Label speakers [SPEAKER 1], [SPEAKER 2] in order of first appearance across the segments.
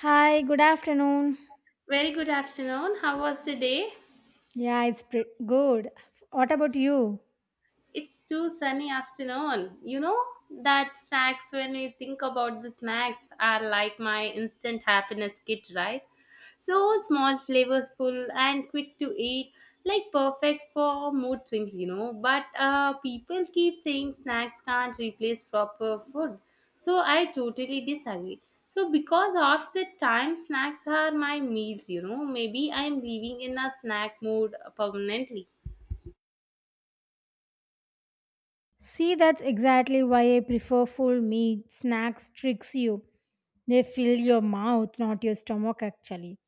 [SPEAKER 1] Hi, good afternoon.
[SPEAKER 2] Very good afternoon. How was the day?
[SPEAKER 1] Yeah, it's pretty good. What about you?
[SPEAKER 2] It's too sunny afternoon. You know that snacks when we think about the snacks are like my instant happiness kit, right? So small, flavorful, and quick to eat, like perfect for mood swings. But people keep saying snacks can't replace proper food. So I totally disagree. So because of the time, snacks are my meals. Maybe I'm living in a snack mood permanently.
[SPEAKER 1] See, that's exactly why I prefer full meat. Snacks tricks you. They fill your mouth, not your stomach, actually.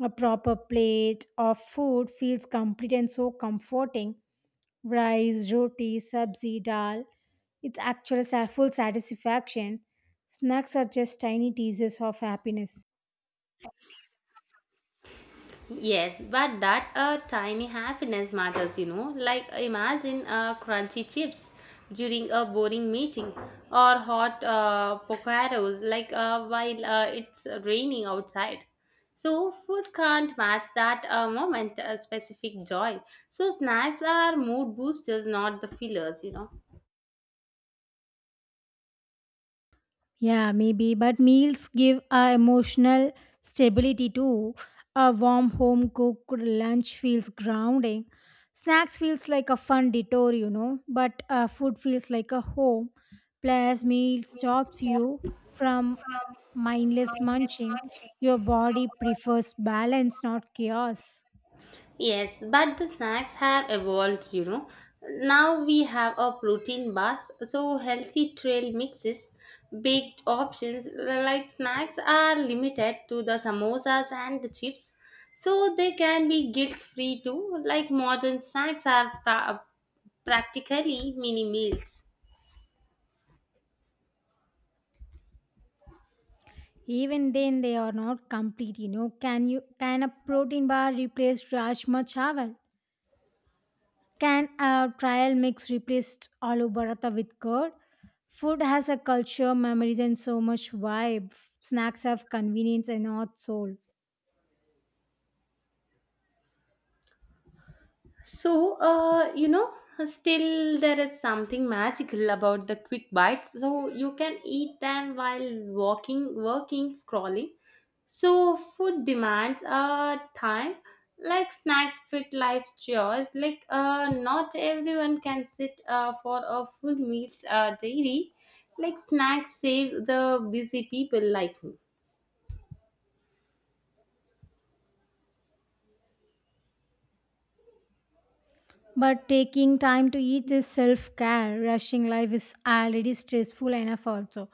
[SPEAKER 1] A proper plate of food feels complete and so comforting. Rice, roti, sabzi, dal. It's actual full satisfaction. Snacks are just tiny teasers of happiness.
[SPEAKER 2] Yes, but that tiny happiness matters. Like imagine crunchy chips during a boring meeting or hot pocaros like while it's raining outside. So food can't match that moment, a specific joy. So snacks are mood boosters, not the fillers.
[SPEAKER 1] Yeah, maybe, but meals give a emotional stability too. A warm home cooked lunch feels grounding. Snacks feels like a fun detour, you know, but food feels like a home. Plus, meal stops you from mindless munching. Your body prefers balance, not chaos.
[SPEAKER 2] Yes, but the snacks have evolved. Now we have a protein bars, so healthy trail mixes, baked options like snacks are limited to the samosas and the chips, so they can be guilt free too. Like modern snacks are practically mini meals.
[SPEAKER 1] Even then, they are not complete, you know. Can a protein bar replace rajma chawal? Can a trial mix replace aloo paratha with curd? Food has a culture, memories, and so much vibe. Snacks have convenience and not soul.
[SPEAKER 2] So, uh, you know, Still there is something magical about the quick bites. So you can eat them while walking, working, scrolling. So food demands time. Like snacks fit life's chores. Like not everyone can sit for a full meals daily. Like snacks save the busy people like me.
[SPEAKER 1] But taking time to eat is self care. Rushing life is already stressful enough, also.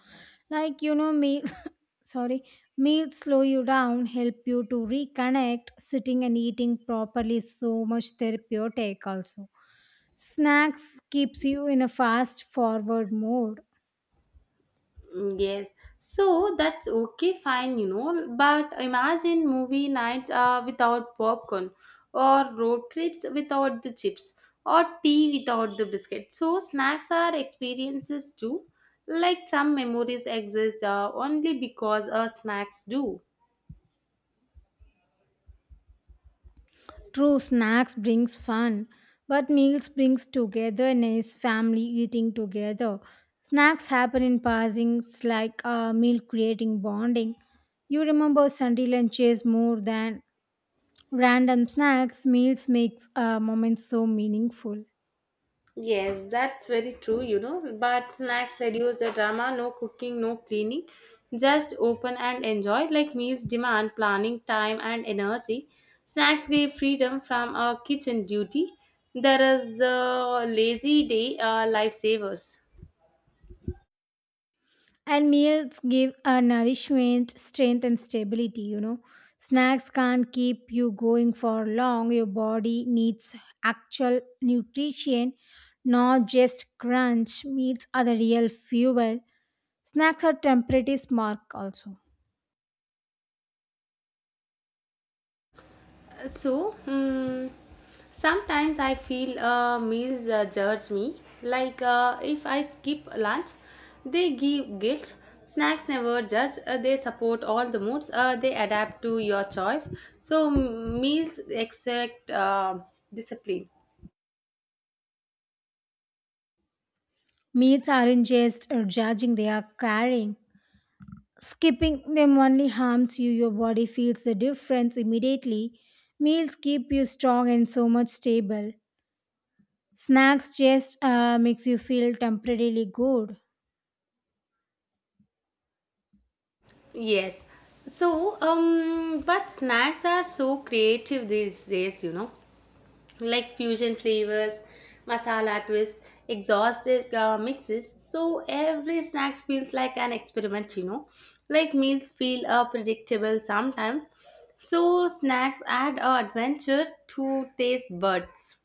[SPEAKER 1] Like, you know, me, sorry, meals slow you down, help you to reconnect. Sitting and eating properly is so much therapeutic, also. Snacks keeps you in a fast forward mode.
[SPEAKER 2] Yes, so that's okay, fine. But imagine movie nights without popcorn, or road trips without the chips, or tea without the biscuit. So, snacks are experiences too. Like some memories exist only because snacks do.
[SPEAKER 1] True, snacks brings fun, but meals brings togetherness, family eating together. Snacks happen in passings like a meal creating bonding. You remember Sunday lunches more than random snacks. Meals makes moments so meaningful.
[SPEAKER 2] Yes, that's very true. But snacks reduce the drama, no cooking, no cleaning. Just open and enjoy. Like meals demand planning, time, and energy. Snacks give freedom from our kitchen duty. There is the lazy day lifesavers.
[SPEAKER 1] And meals give a nourishment, strength, and stability, you know. Snacks can't keep you going for long. Your body needs actual nutrition, not just crunch. Meats are the real fuel. Snacks are temporary mark also.
[SPEAKER 2] So, mm, Sometimes I feel meals judge me. Like if I skip lunch, they give guilt. Snacks never judge. They support all the moods. They adapt to your choice. So meals exact discipline.
[SPEAKER 1] Meats aren't just judging, they are carrying. Skipping them only harms you. Your body feels the difference immediately. Meals keep you strong and so much stable. Snacks just makes you feel temporarily good.
[SPEAKER 2] Yes. But snacks are so creative these days. Like fusion flavors, masala twists, exhausted mixes. So every snack feels like an experiment. Like meals feel predictable sometimes. So snacks add adventure to taste buds.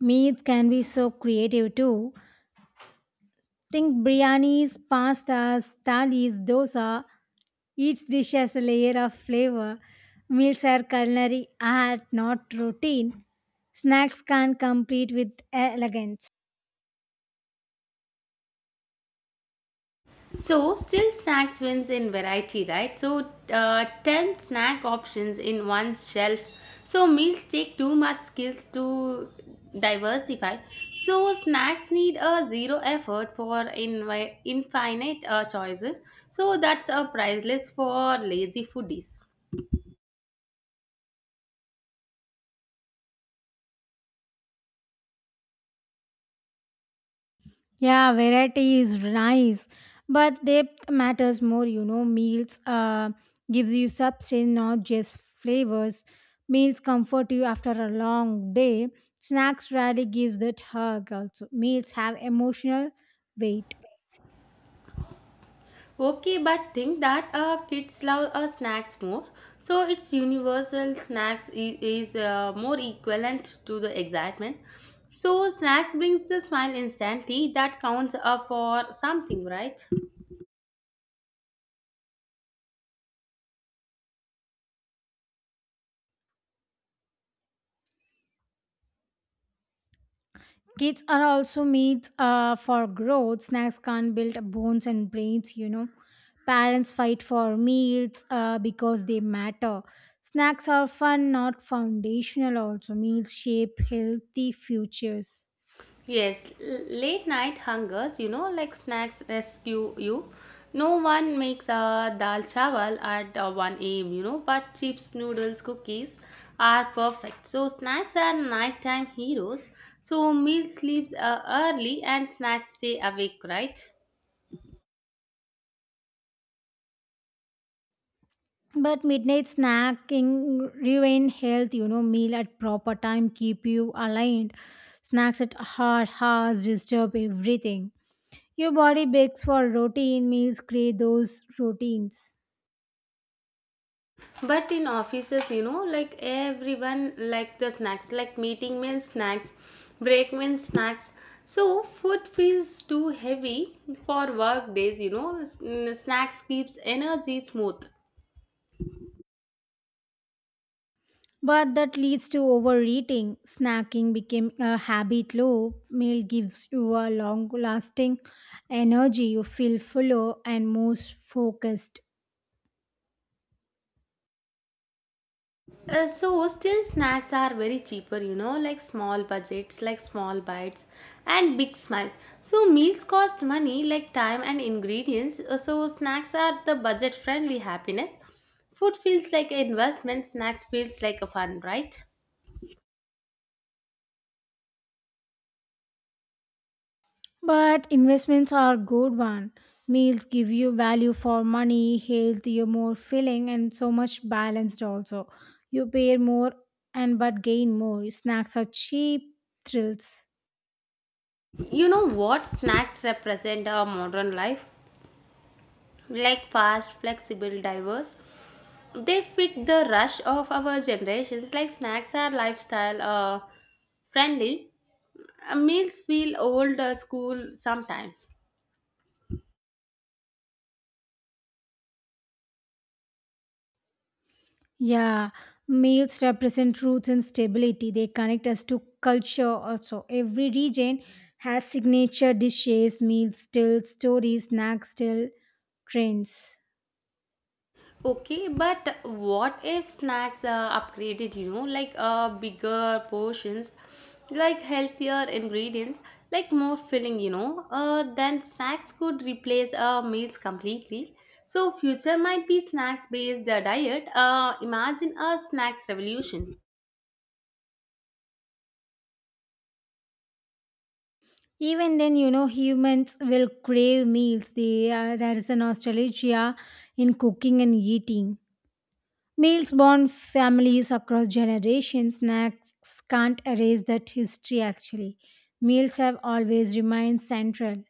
[SPEAKER 1] Meats can be so creative too. Think biryanis, pastas, thalis, dosa. Each dish has a layer of flavor. Meals are culinary art, not routine. Snacks can't compete with elegance.
[SPEAKER 2] So, still snacks wins in variety, right? So, 10 snack options in one shelf. So, meals take too much skills to diversify. So, snacks need a zero effort for infinite choices. So, that's a priceless for lazy foodies.
[SPEAKER 1] Yeah, variety is nice, but depth matters more. You know, meals gives you substance, not just flavors. Meals comfort you after a long day. Snacks rarely give that hug. Also, meals have emotional weight.
[SPEAKER 2] Okay, but think that kids love snacks more. So its universal snacks is more equivalent to the excitement. So snacks brings the smile instantly. That counts for something, right?
[SPEAKER 1] Kids are also meats for growth. Snacks can't build bones and brains, you know. Parents fight for meals because they matter. Snacks are fun, not foundational, also. Meals shape healthy futures.
[SPEAKER 2] Yes, late night hungers, like snacks rescue you. No one makes a dal chawal at 1 a.m., you know, but chips, noodles, cookies are perfect. So, snacks are nighttime heroes. So, meal sleeps early and snacks stay awake, right?
[SPEAKER 1] But midnight snacking ruin health, you know, meal at proper time keep you aligned. Snacks at hard hours disturb everything. Your body begs for routine meals, create those routines.
[SPEAKER 2] But in offices, you know, like everyone like the snacks, like meeting means snacks, break means snacks, so food feels too heavy for work days, you know. Snacks keeps energy smooth.
[SPEAKER 1] But that leads to overeating. Snacking became a habit loop. Meal gives you a long lasting energy. You feel fuller and more focused.
[SPEAKER 2] So still snacks are very cheaper, you know, like small budgets, like small bites and big smiles, so meals cost money, like time and ingredients. So snacks are the budget friendly happiness. Food feels like an investment, snacks feels like a fun, right?
[SPEAKER 1] But investments are good one. Meals give you value for money, health, you're more filling and so much balanced also. You pay more and but gain more. Snacks are cheap thrills.
[SPEAKER 2] You know what, snacks represent our modern life, like fast, flexible, diverse. They fit the rush of our generations. Like snacks are lifestyle friendly. Meals feel old school sometimes.
[SPEAKER 1] Yeah, meals represent roots and stability. They connect us to culture also. Every region has signature dishes, meals, till stories, snacks, till trends.
[SPEAKER 2] Okay, but what if snacks are upgraded, you know, like bigger portions, like healthier ingredients, like more filling, you know, then snacks could replace meals completely. So future might be snacks based diet. Imagine a snacks revolution.
[SPEAKER 1] Even then, you know, humans will crave meals. There is a nostalgia in cooking and eating. Meals bond families across generations. Snacks can't erase that history actually. Meals have always remained central.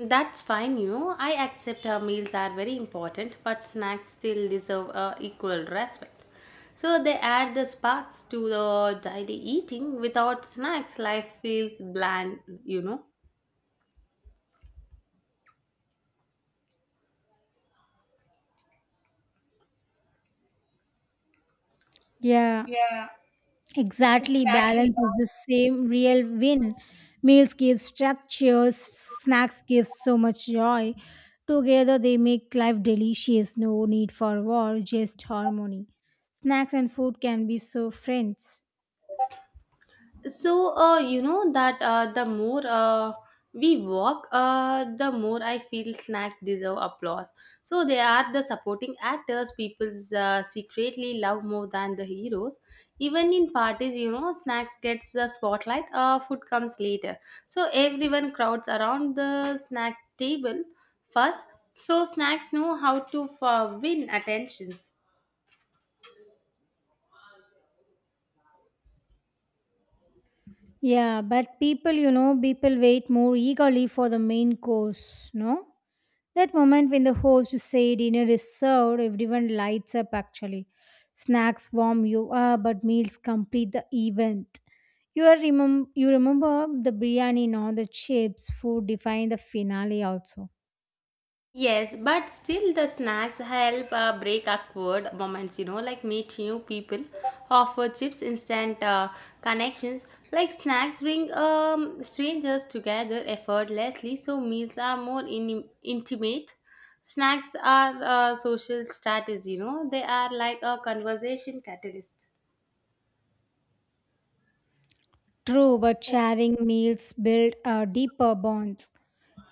[SPEAKER 2] That's fine, you know. I accept our meals are very important, but snacks still deserve equal respect. So they add the sparks to the daily eating. Without snacks, life feels bland, you know.
[SPEAKER 1] Yeah. Exactly, balance is the same real win. Meals give structures, snacks give so much joy. Together they make life delicious, no need for war, just harmony. Snacks and food can be so friends.
[SPEAKER 2] So you know that The more we walk, the more I feel snacks deserve applause. So they are the supporting actors people secretly love more than the heroes. Even in parties, you know, snacks gets the spotlight, food comes later. So everyone crowds around the snack table first. So snacks know how to win attention.
[SPEAKER 1] Yeah, but people, you know, people wait more eagerly for the main course, no? That moment when the host say dinner is served, everyone lights up actually. Snacks warm you up, but meals complete the event. You remember the biryani, no, the chips, food define the finale also.
[SPEAKER 2] Yes, but still the snacks help break awkward moments, you know, like meet new people, offer chips, instant connections. Like snacks bring strangers together effortlessly, so meals are more intimate. Snacks are social strategies, you know, they are like a conversation catalyst.
[SPEAKER 1] True, but sharing meals build deeper bonds.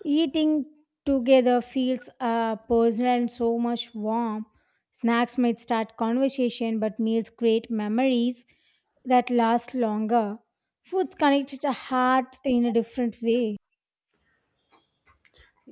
[SPEAKER 1] Eating together feels personal and so much warm. Snacks might start conversation, but meals create memories that last longer. Foods connect the hearts in a different way.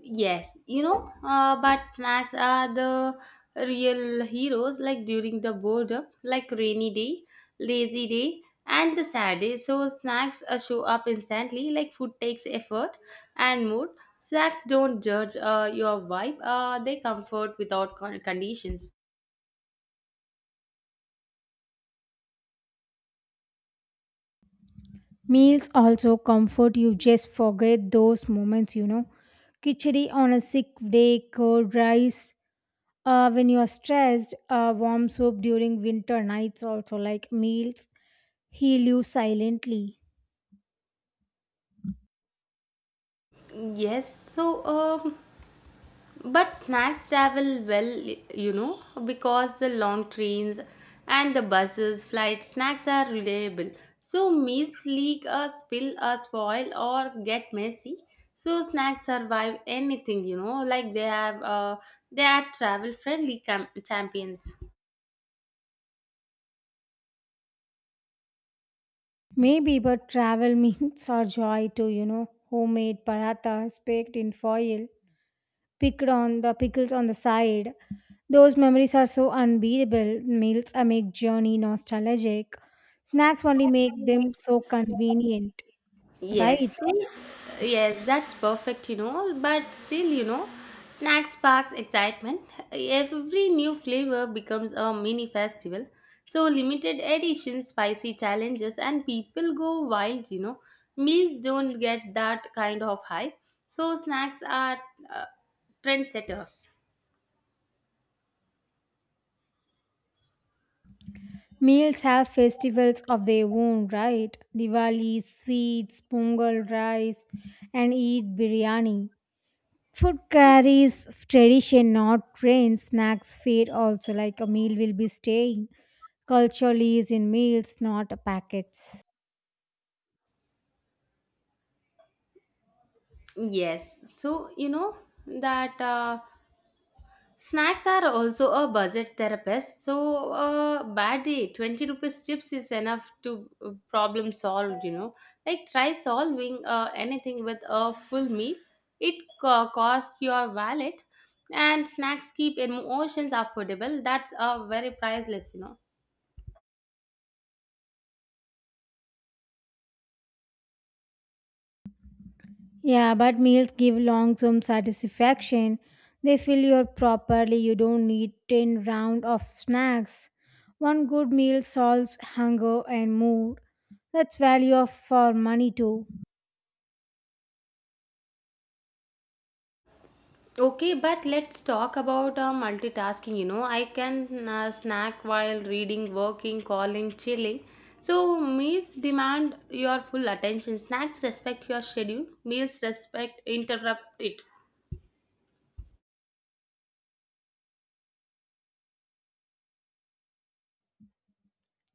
[SPEAKER 2] But snacks are the real heroes, like during the boredom, like rainy day, lazy day, and the sad day. So, snacks show up instantly, like food takes effort and mood. Snacks don't judge your vibe, they comfort without conditions.
[SPEAKER 1] Meals also comfort you, just forget those moments, you know. Khichdi on a sick day, cold rice. When you are stressed, warm soup during winter nights also like meals heal you silently.
[SPEAKER 2] Yes, so um, But snacks travel well, you know, because the long trains and the buses, flights, snacks are reliable. So meals leak or spill or spoil or get messy. So snacks survive anything, you know, like they are travel friendly champions.
[SPEAKER 1] Maybe, but travel means our joy too, you know. Homemade parathas baked in foil, picked on the pickles on the side. Those memories are so unbeatable. Meals I make journey nostalgic. Snacks only make them so convenient,
[SPEAKER 2] Yes,
[SPEAKER 1] right?
[SPEAKER 2] still, yes, that's perfect, you know. But still, you know, snack sparks excitement. Every new flavor becomes a mini festival. So limited edition, spicy challenges, and people go wild, you know. Meals don't get that kind of hype. So snacks are uh, trendsetters.
[SPEAKER 1] Meals have festivals of their own, right? Diwali, sweets, pongal, rice, and eat biryani. Food carries tradition, not trends. Snacks fade also like a meal will be staying. Culturally is in meals, not packets.
[SPEAKER 2] Yes, so you know that. Snacks are also a budget therapist. So, bad day, 20 rupees chips is enough to problem solved, you know. Like, try solving anything with a full meal. It costs your wallet, and snacks keep emotions affordable. That's very priceless, you know.
[SPEAKER 1] Yeah, but meals give long term satisfaction. They fill you properly. You don't need 10 round of snacks. One good meal solves hunger and mood. That's value of for money too.
[SPEAKER 2] Okay, but let's talk about multitasking. You know, I can snack while reading, working, calling, chilling. So, meals demand your full attention. Snacks respect your schedule, meals respect interrupt it.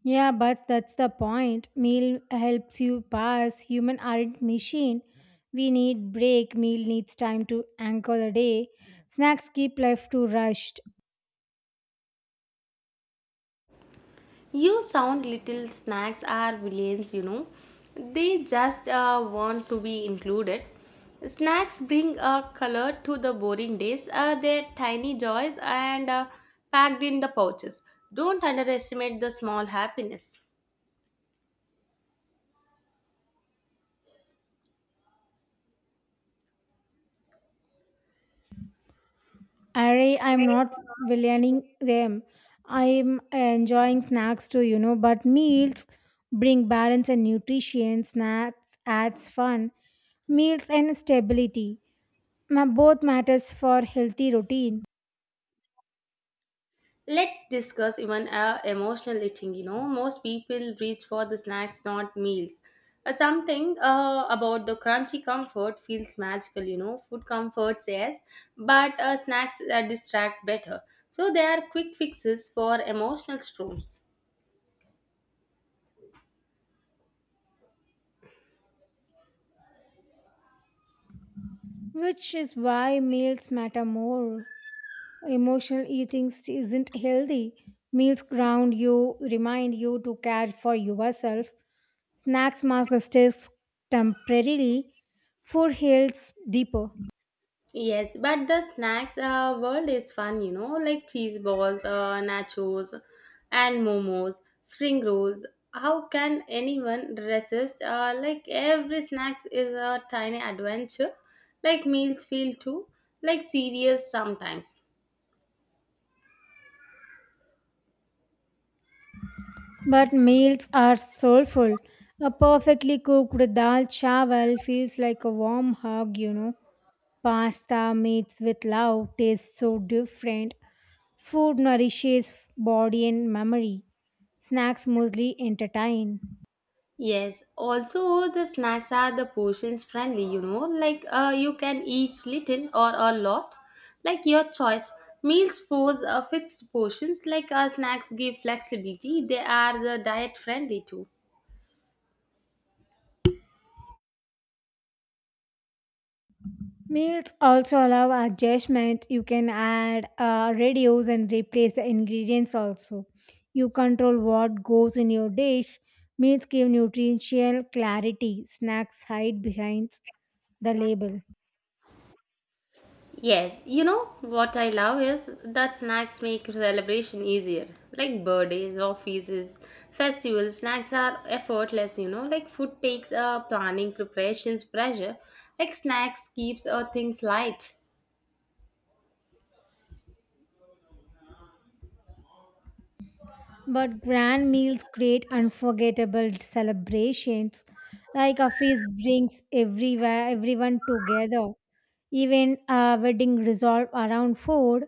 [SPEAKER 1] Yeah, but that's the point. Meal helps you pass. Human aren't machine. We need break. Meal needs time to anchor the day. Snacks keep life too rushed.
[SPEAKER 2] You sound little snacks are villains, you know. They just want to be included. Snacks bring a color to the boring days. They're tiny joys and packed in the pouches. Don't underestimate the small happiness.
[SPEAKER 1] Array, I'm not villianing them. I'm enjoying snacks too, you know, but meals bring balance and nutrition. Snacks adds fun, meals and stability. Both matters for healthy routine,
[SPEAKER 2] Let's discuss even emotional eating. You know, most people reach for the snacks, not meals. Something about the crunchy comfort feels magical. You know, food comforts yes, but snacks distract better. So they are quick fixes for emotional storms.
[SPEAKER 1] which is why meals matter more. Isn't healthy. Meals ground you, remind you to care for yourself. Snacks mask the stress temporarily. Food heals deeper.
[SPEAKER 2] Yes, but the snacks world is fun, you know, like cheese balls, nachos, and momos, spring rolls. How can anyone resist? Like every snack is a tiny adventure. Like meals feel too, like serious sometimes.
[SPEAKER 1] But meals are soulful. A perfectly cooked dal chawal feels like a warm hug, you know. Pasta meats with love tastes so different. Food nourishes body and memory. Snacks mostly entertain.
[SPEAKER 2] Yes, also the snacks are the portions friendly, you know, like you can eat little or a lot, like your choice. Meals force fixed portions, like our snacks give flexibility, they are the diet friendly too.
[SPEAKER 1] Meals also allow adjustment. You can add radios and replace the ingredients also. You control what goes in your dish. Meals give nutritional clarity. Snacks hide behind the label.
[SPEAKER 2] Yes, you know what I love is the snacks make celebration easier. Like birthdays, offices, festivals, snacks are effortless, you know. Like food takes planning, preparations, pressure. Like snacks keeps things light.
[SPEAKER 1] But grand meals create unforgettable celebrations. Like a feast brings everywhere everyone together. Even a wedding resolve around food.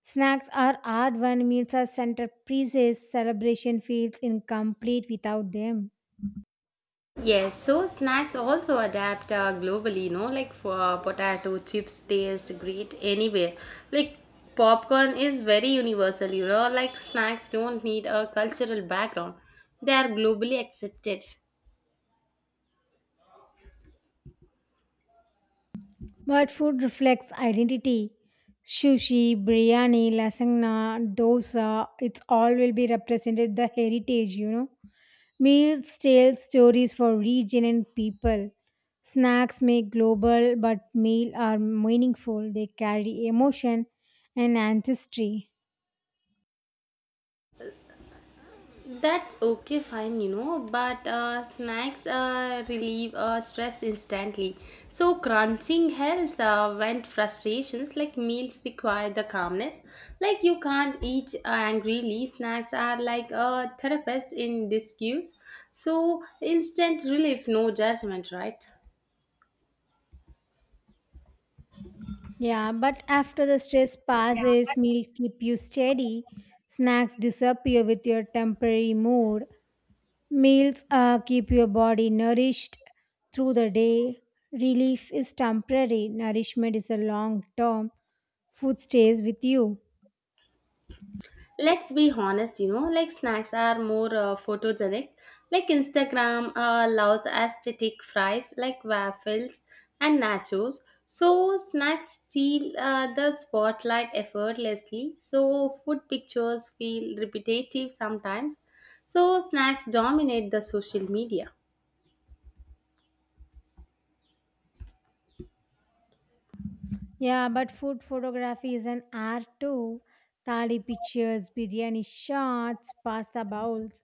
[SPEAKER 1] Snacks are hard when meals are centerpieces. Celebration feels incomplete without them.
[SPEAKER 2] Yes, so snacks also adapt globally, you know, like for potato chips taste great anywhere. Like popcorn is very universal, you know, like snacks don't need a cultural background. They are globally accepted.
[SPEAKER 1] But food reflects identity. Sushi, biryani, lasagna, dosa, it's all will be represented the heritage, you know. Meals tell stories for region and people. Snacks may global, but meal are meaningful. They carry emotion and ancestry.
[SPEAKER 2] That's okay, fine, you know, but snacks relieve stress instantly. So, crunching helps vent frustrations, like meals require the calmness. Like, you can't eat angrily. Snacks are like a therapist in disguise. So, instant relief, no judgment, right?
[SPEAKER 1] Yeah, but after the stress passes, meal keep you steady. Snacks disappear with your temporary mood. Meals keep your body nourished through the day. Relief is temporary. Nourishment is a long term. Food stays with you.
[SPEAKER 2] Let's be honest, you know, like snacks are more photogenic, like Instagram allows aesthetic fries, like waffles and nachos. So snacks steal the spotlight effortlessly. So food pictures feel repetitive sometimes. So snacks dominate the social media.
[SPEAKER 1] Yeah, but food photography is an art too. Thali pictures, biryani shots, pasta bowls.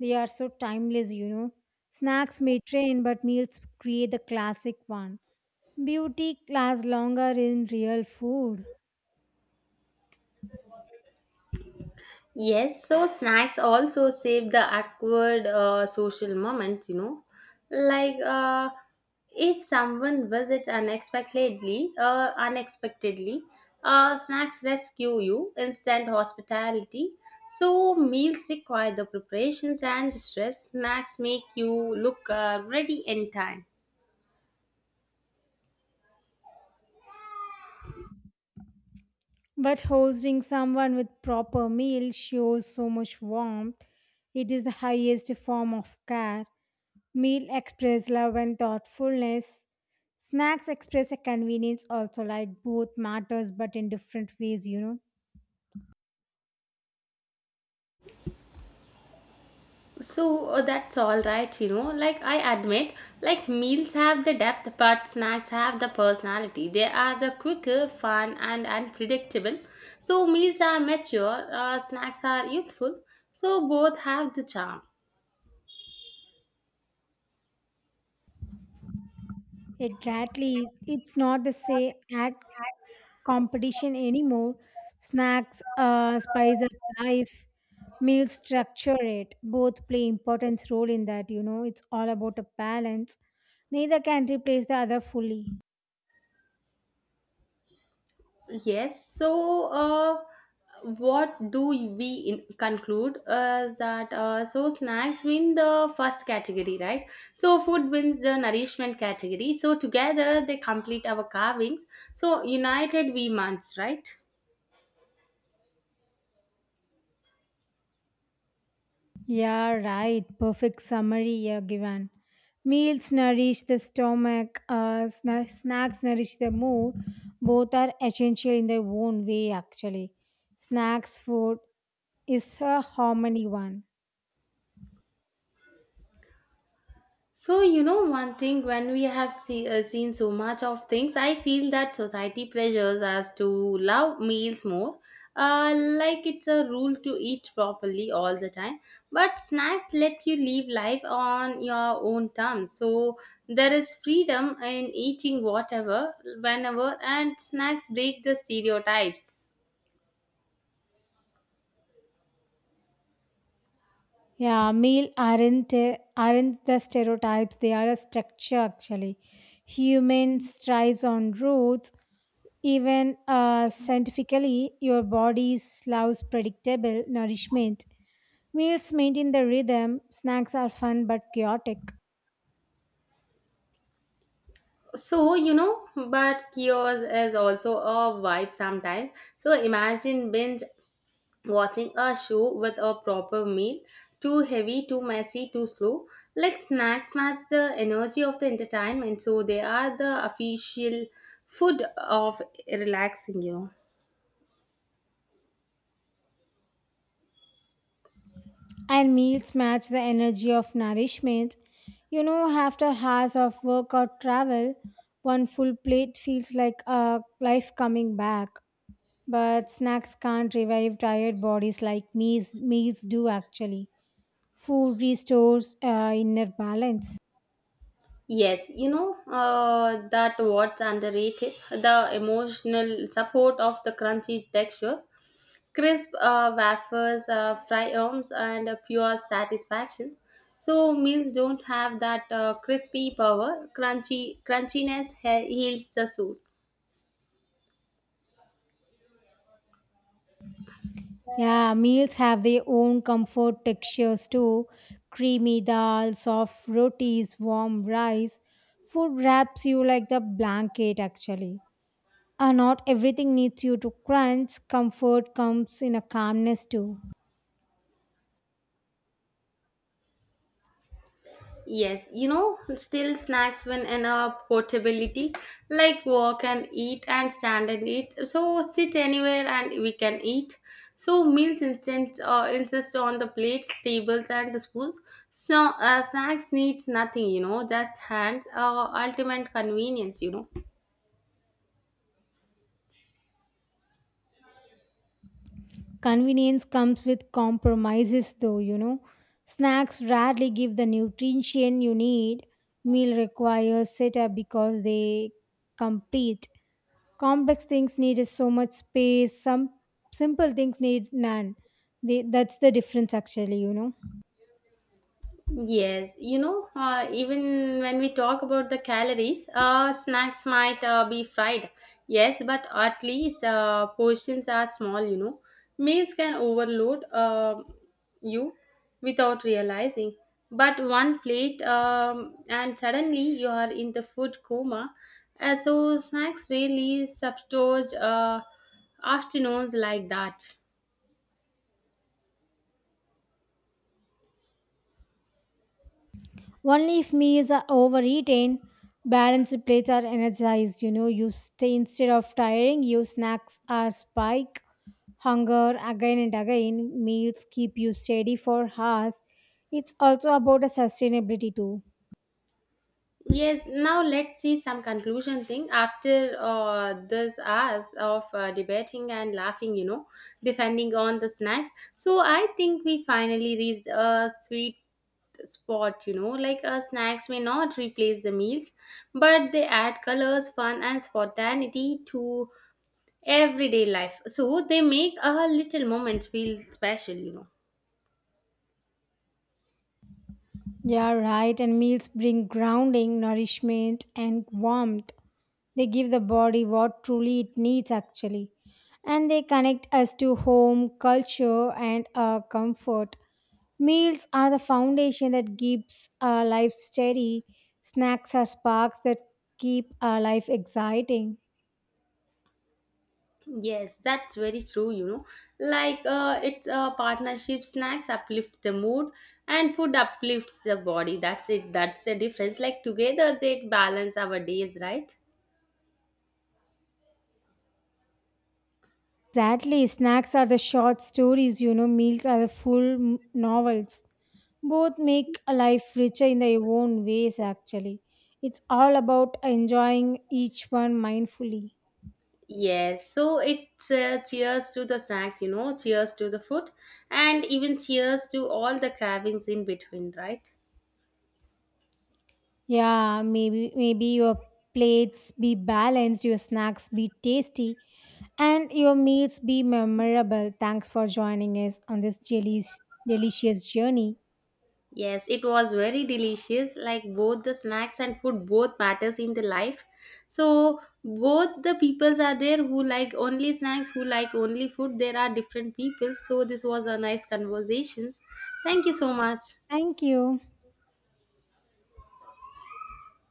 [SPEAKER 1] They are so timeless, you know. Snacks may train, but meals create the classic one. Beauty lasts longer in real food.
[SPEAKER 2] Yes, so snacks also save the awkward social moments, you know. Like if someone visits unexpectedly, snacks rescue you, instant hospitality. So meals require the preparations and the stress. Snacks make you look ready anytime.
[SPEAKER 1] But hosting someone with proper meal shows so much warmth. It is the highest form of care. Meal express love and thoughtfulness. Snacks express a convenience also like both matters but in different ways, you know.
[SPEAKER 2] That's all right, you know. Like I admit, like meals have the depth, but snacks have the personality. They are the quicker, fun, and unpredictable. So meals are mature, snacks are youthful. So both have the charm.
[SPEAKER 1] Exactly. It's not the same at competition anymore. Snacks spice up life. Meals structure it. Both play important role in that, you know. It's all about a balance. Neither can replace the other fully.
[SPEAKER 2] Yes. What do we in conclude is that so snacks win the first category, right? So food wins the nourishment category. So together they complete our carvings. So united we munch, right?
[SPEAKER 1] Yeah, right. Perfect summary you given. Meals nourish the stomach, snacks nourish the mood. Both are essential in their own way, actually. Snacks food is a harmony one.
[SPEAKER 2] So, you know, one thing when we have seen so much of things, I feel that society pressures us to love meals more. Like it's a rule to eat properly all the time. But snacks let you live life on your own terms. So, there is freedom in eating whatever, whenever, and snacks break the stereotypes.
[SPEAKER 1] Yeah, meal aren't the stereotypes. They are a structure actually. Humans thrives on roots. Even scientifically, your body loves predictable nourishment. Meals maintain the rhythm, snacks are fun but chaotic,
[SPEAKER 2] So, you know, but chaos is also a vibe sometimes. So imagine binge watching a show with a proper meal, too heavy, too messy, too slow. Like snacks match the energy of the entertainment. So they are the official food of relaxing, you know.
[SPEAKER 1] and meals match the energy of nourishment. You know, after hours of work or travel, one full plate feels like life coming back. But snacks can't revive tired bodies like meals, do actually. Food restores inner balance.
[SPEAKER 2] That what's underrated, the emotional support of the crunchy textures, crisp wafers, fry arms, and a pure satisfaction. So meals don't have that crispy power. Crunchy crunchiness heals the soul.
[SPEAKER 1] Yeah, meals have their own comfort textures too. Creamy dal, soft rotis, warm rice. Food wraps you like the blanket actually. And not everything needs you to crunch. Comfort comes in a calmness too.
[SPEAKER 2] Yes, you know, still snacks when in a portability, like walk and eat and stand and eat. So sit anywhere and we can eat. So meals instant insist on the plates, tables, and the spoons. So snacks needs nothing, you know, just hands. Ultimate convenience, you know.
[SPEAKER 1] Convenience comes with compromises though, you know. Snacks rarely give the nutrition you need. Meal requires setup because they complete. Complex things need is so much space, some simple things need none. That's the difference actually, you know.
[SPEAKER 2] Yes, you know, even when we talk about the calories, snacks might be fried. Yes, but at least portions are small, you know. Meals can overload you without realizing. But one plate, and suddenly you are in the food coma. So, snacks really substitute afternoons like that.
[SPEAKER 1] Only if meals are overeaten, balanced plates are energized, you know. You stay instead of tiring you. Snacks are spike hunger again and again. Meals keep you steady for hours. It's also about a sustainability too.
[SPEAKER 2] Yes, now let's see some conclusion thing. After this hours of debating and laughing, you know, defending on the snacks. So I think we finally reached a sweet spot, you know, like snacks may not replace the meals, but they add colors, fun, and spontaneity to everyday life. So they make our little moments feel special, you know.
[SPEAKER 1] Yeah, right, and meals bring grounding nourishment and warmth. They give the body what truly it needs, actually. And they connect us to home, culture, and our comfort. Meals are the foundation that keeps our life steady. Snacks are sparks that keep our life exciting.
[SPEAKER 2] Yes, that's very true, you know. Like it's a partnership, snacks uplift the mood and food uplifts the body. That's it. That's the difference. Like together they balance our days, right?
[SPEAKER 1] Exactly. Snacks are the short stories, you know, meals are the full novels. Both make a life richer in their own ways, actually. It's all about enjoying each one mindfully.
[SPEAKER 2] Yes, so it's cheers to the snacks, you know, cheers to the food and even cheers to all the cravings in between, right?
[SPEAKER 1] Yeah, maybe your plates be balanced, your snacks be tasty, and your meals be memorable. Thanks for joining us on this delicious journey.
[SPEAKER 2] Yes, it was very delicious. Like both the snacks and food both matters in the life. So both the peoples are there who like only snacks, who like only food. There are different people. So this was a nice conversations. Thank you so much.
[SPEAKER 1] Thank you.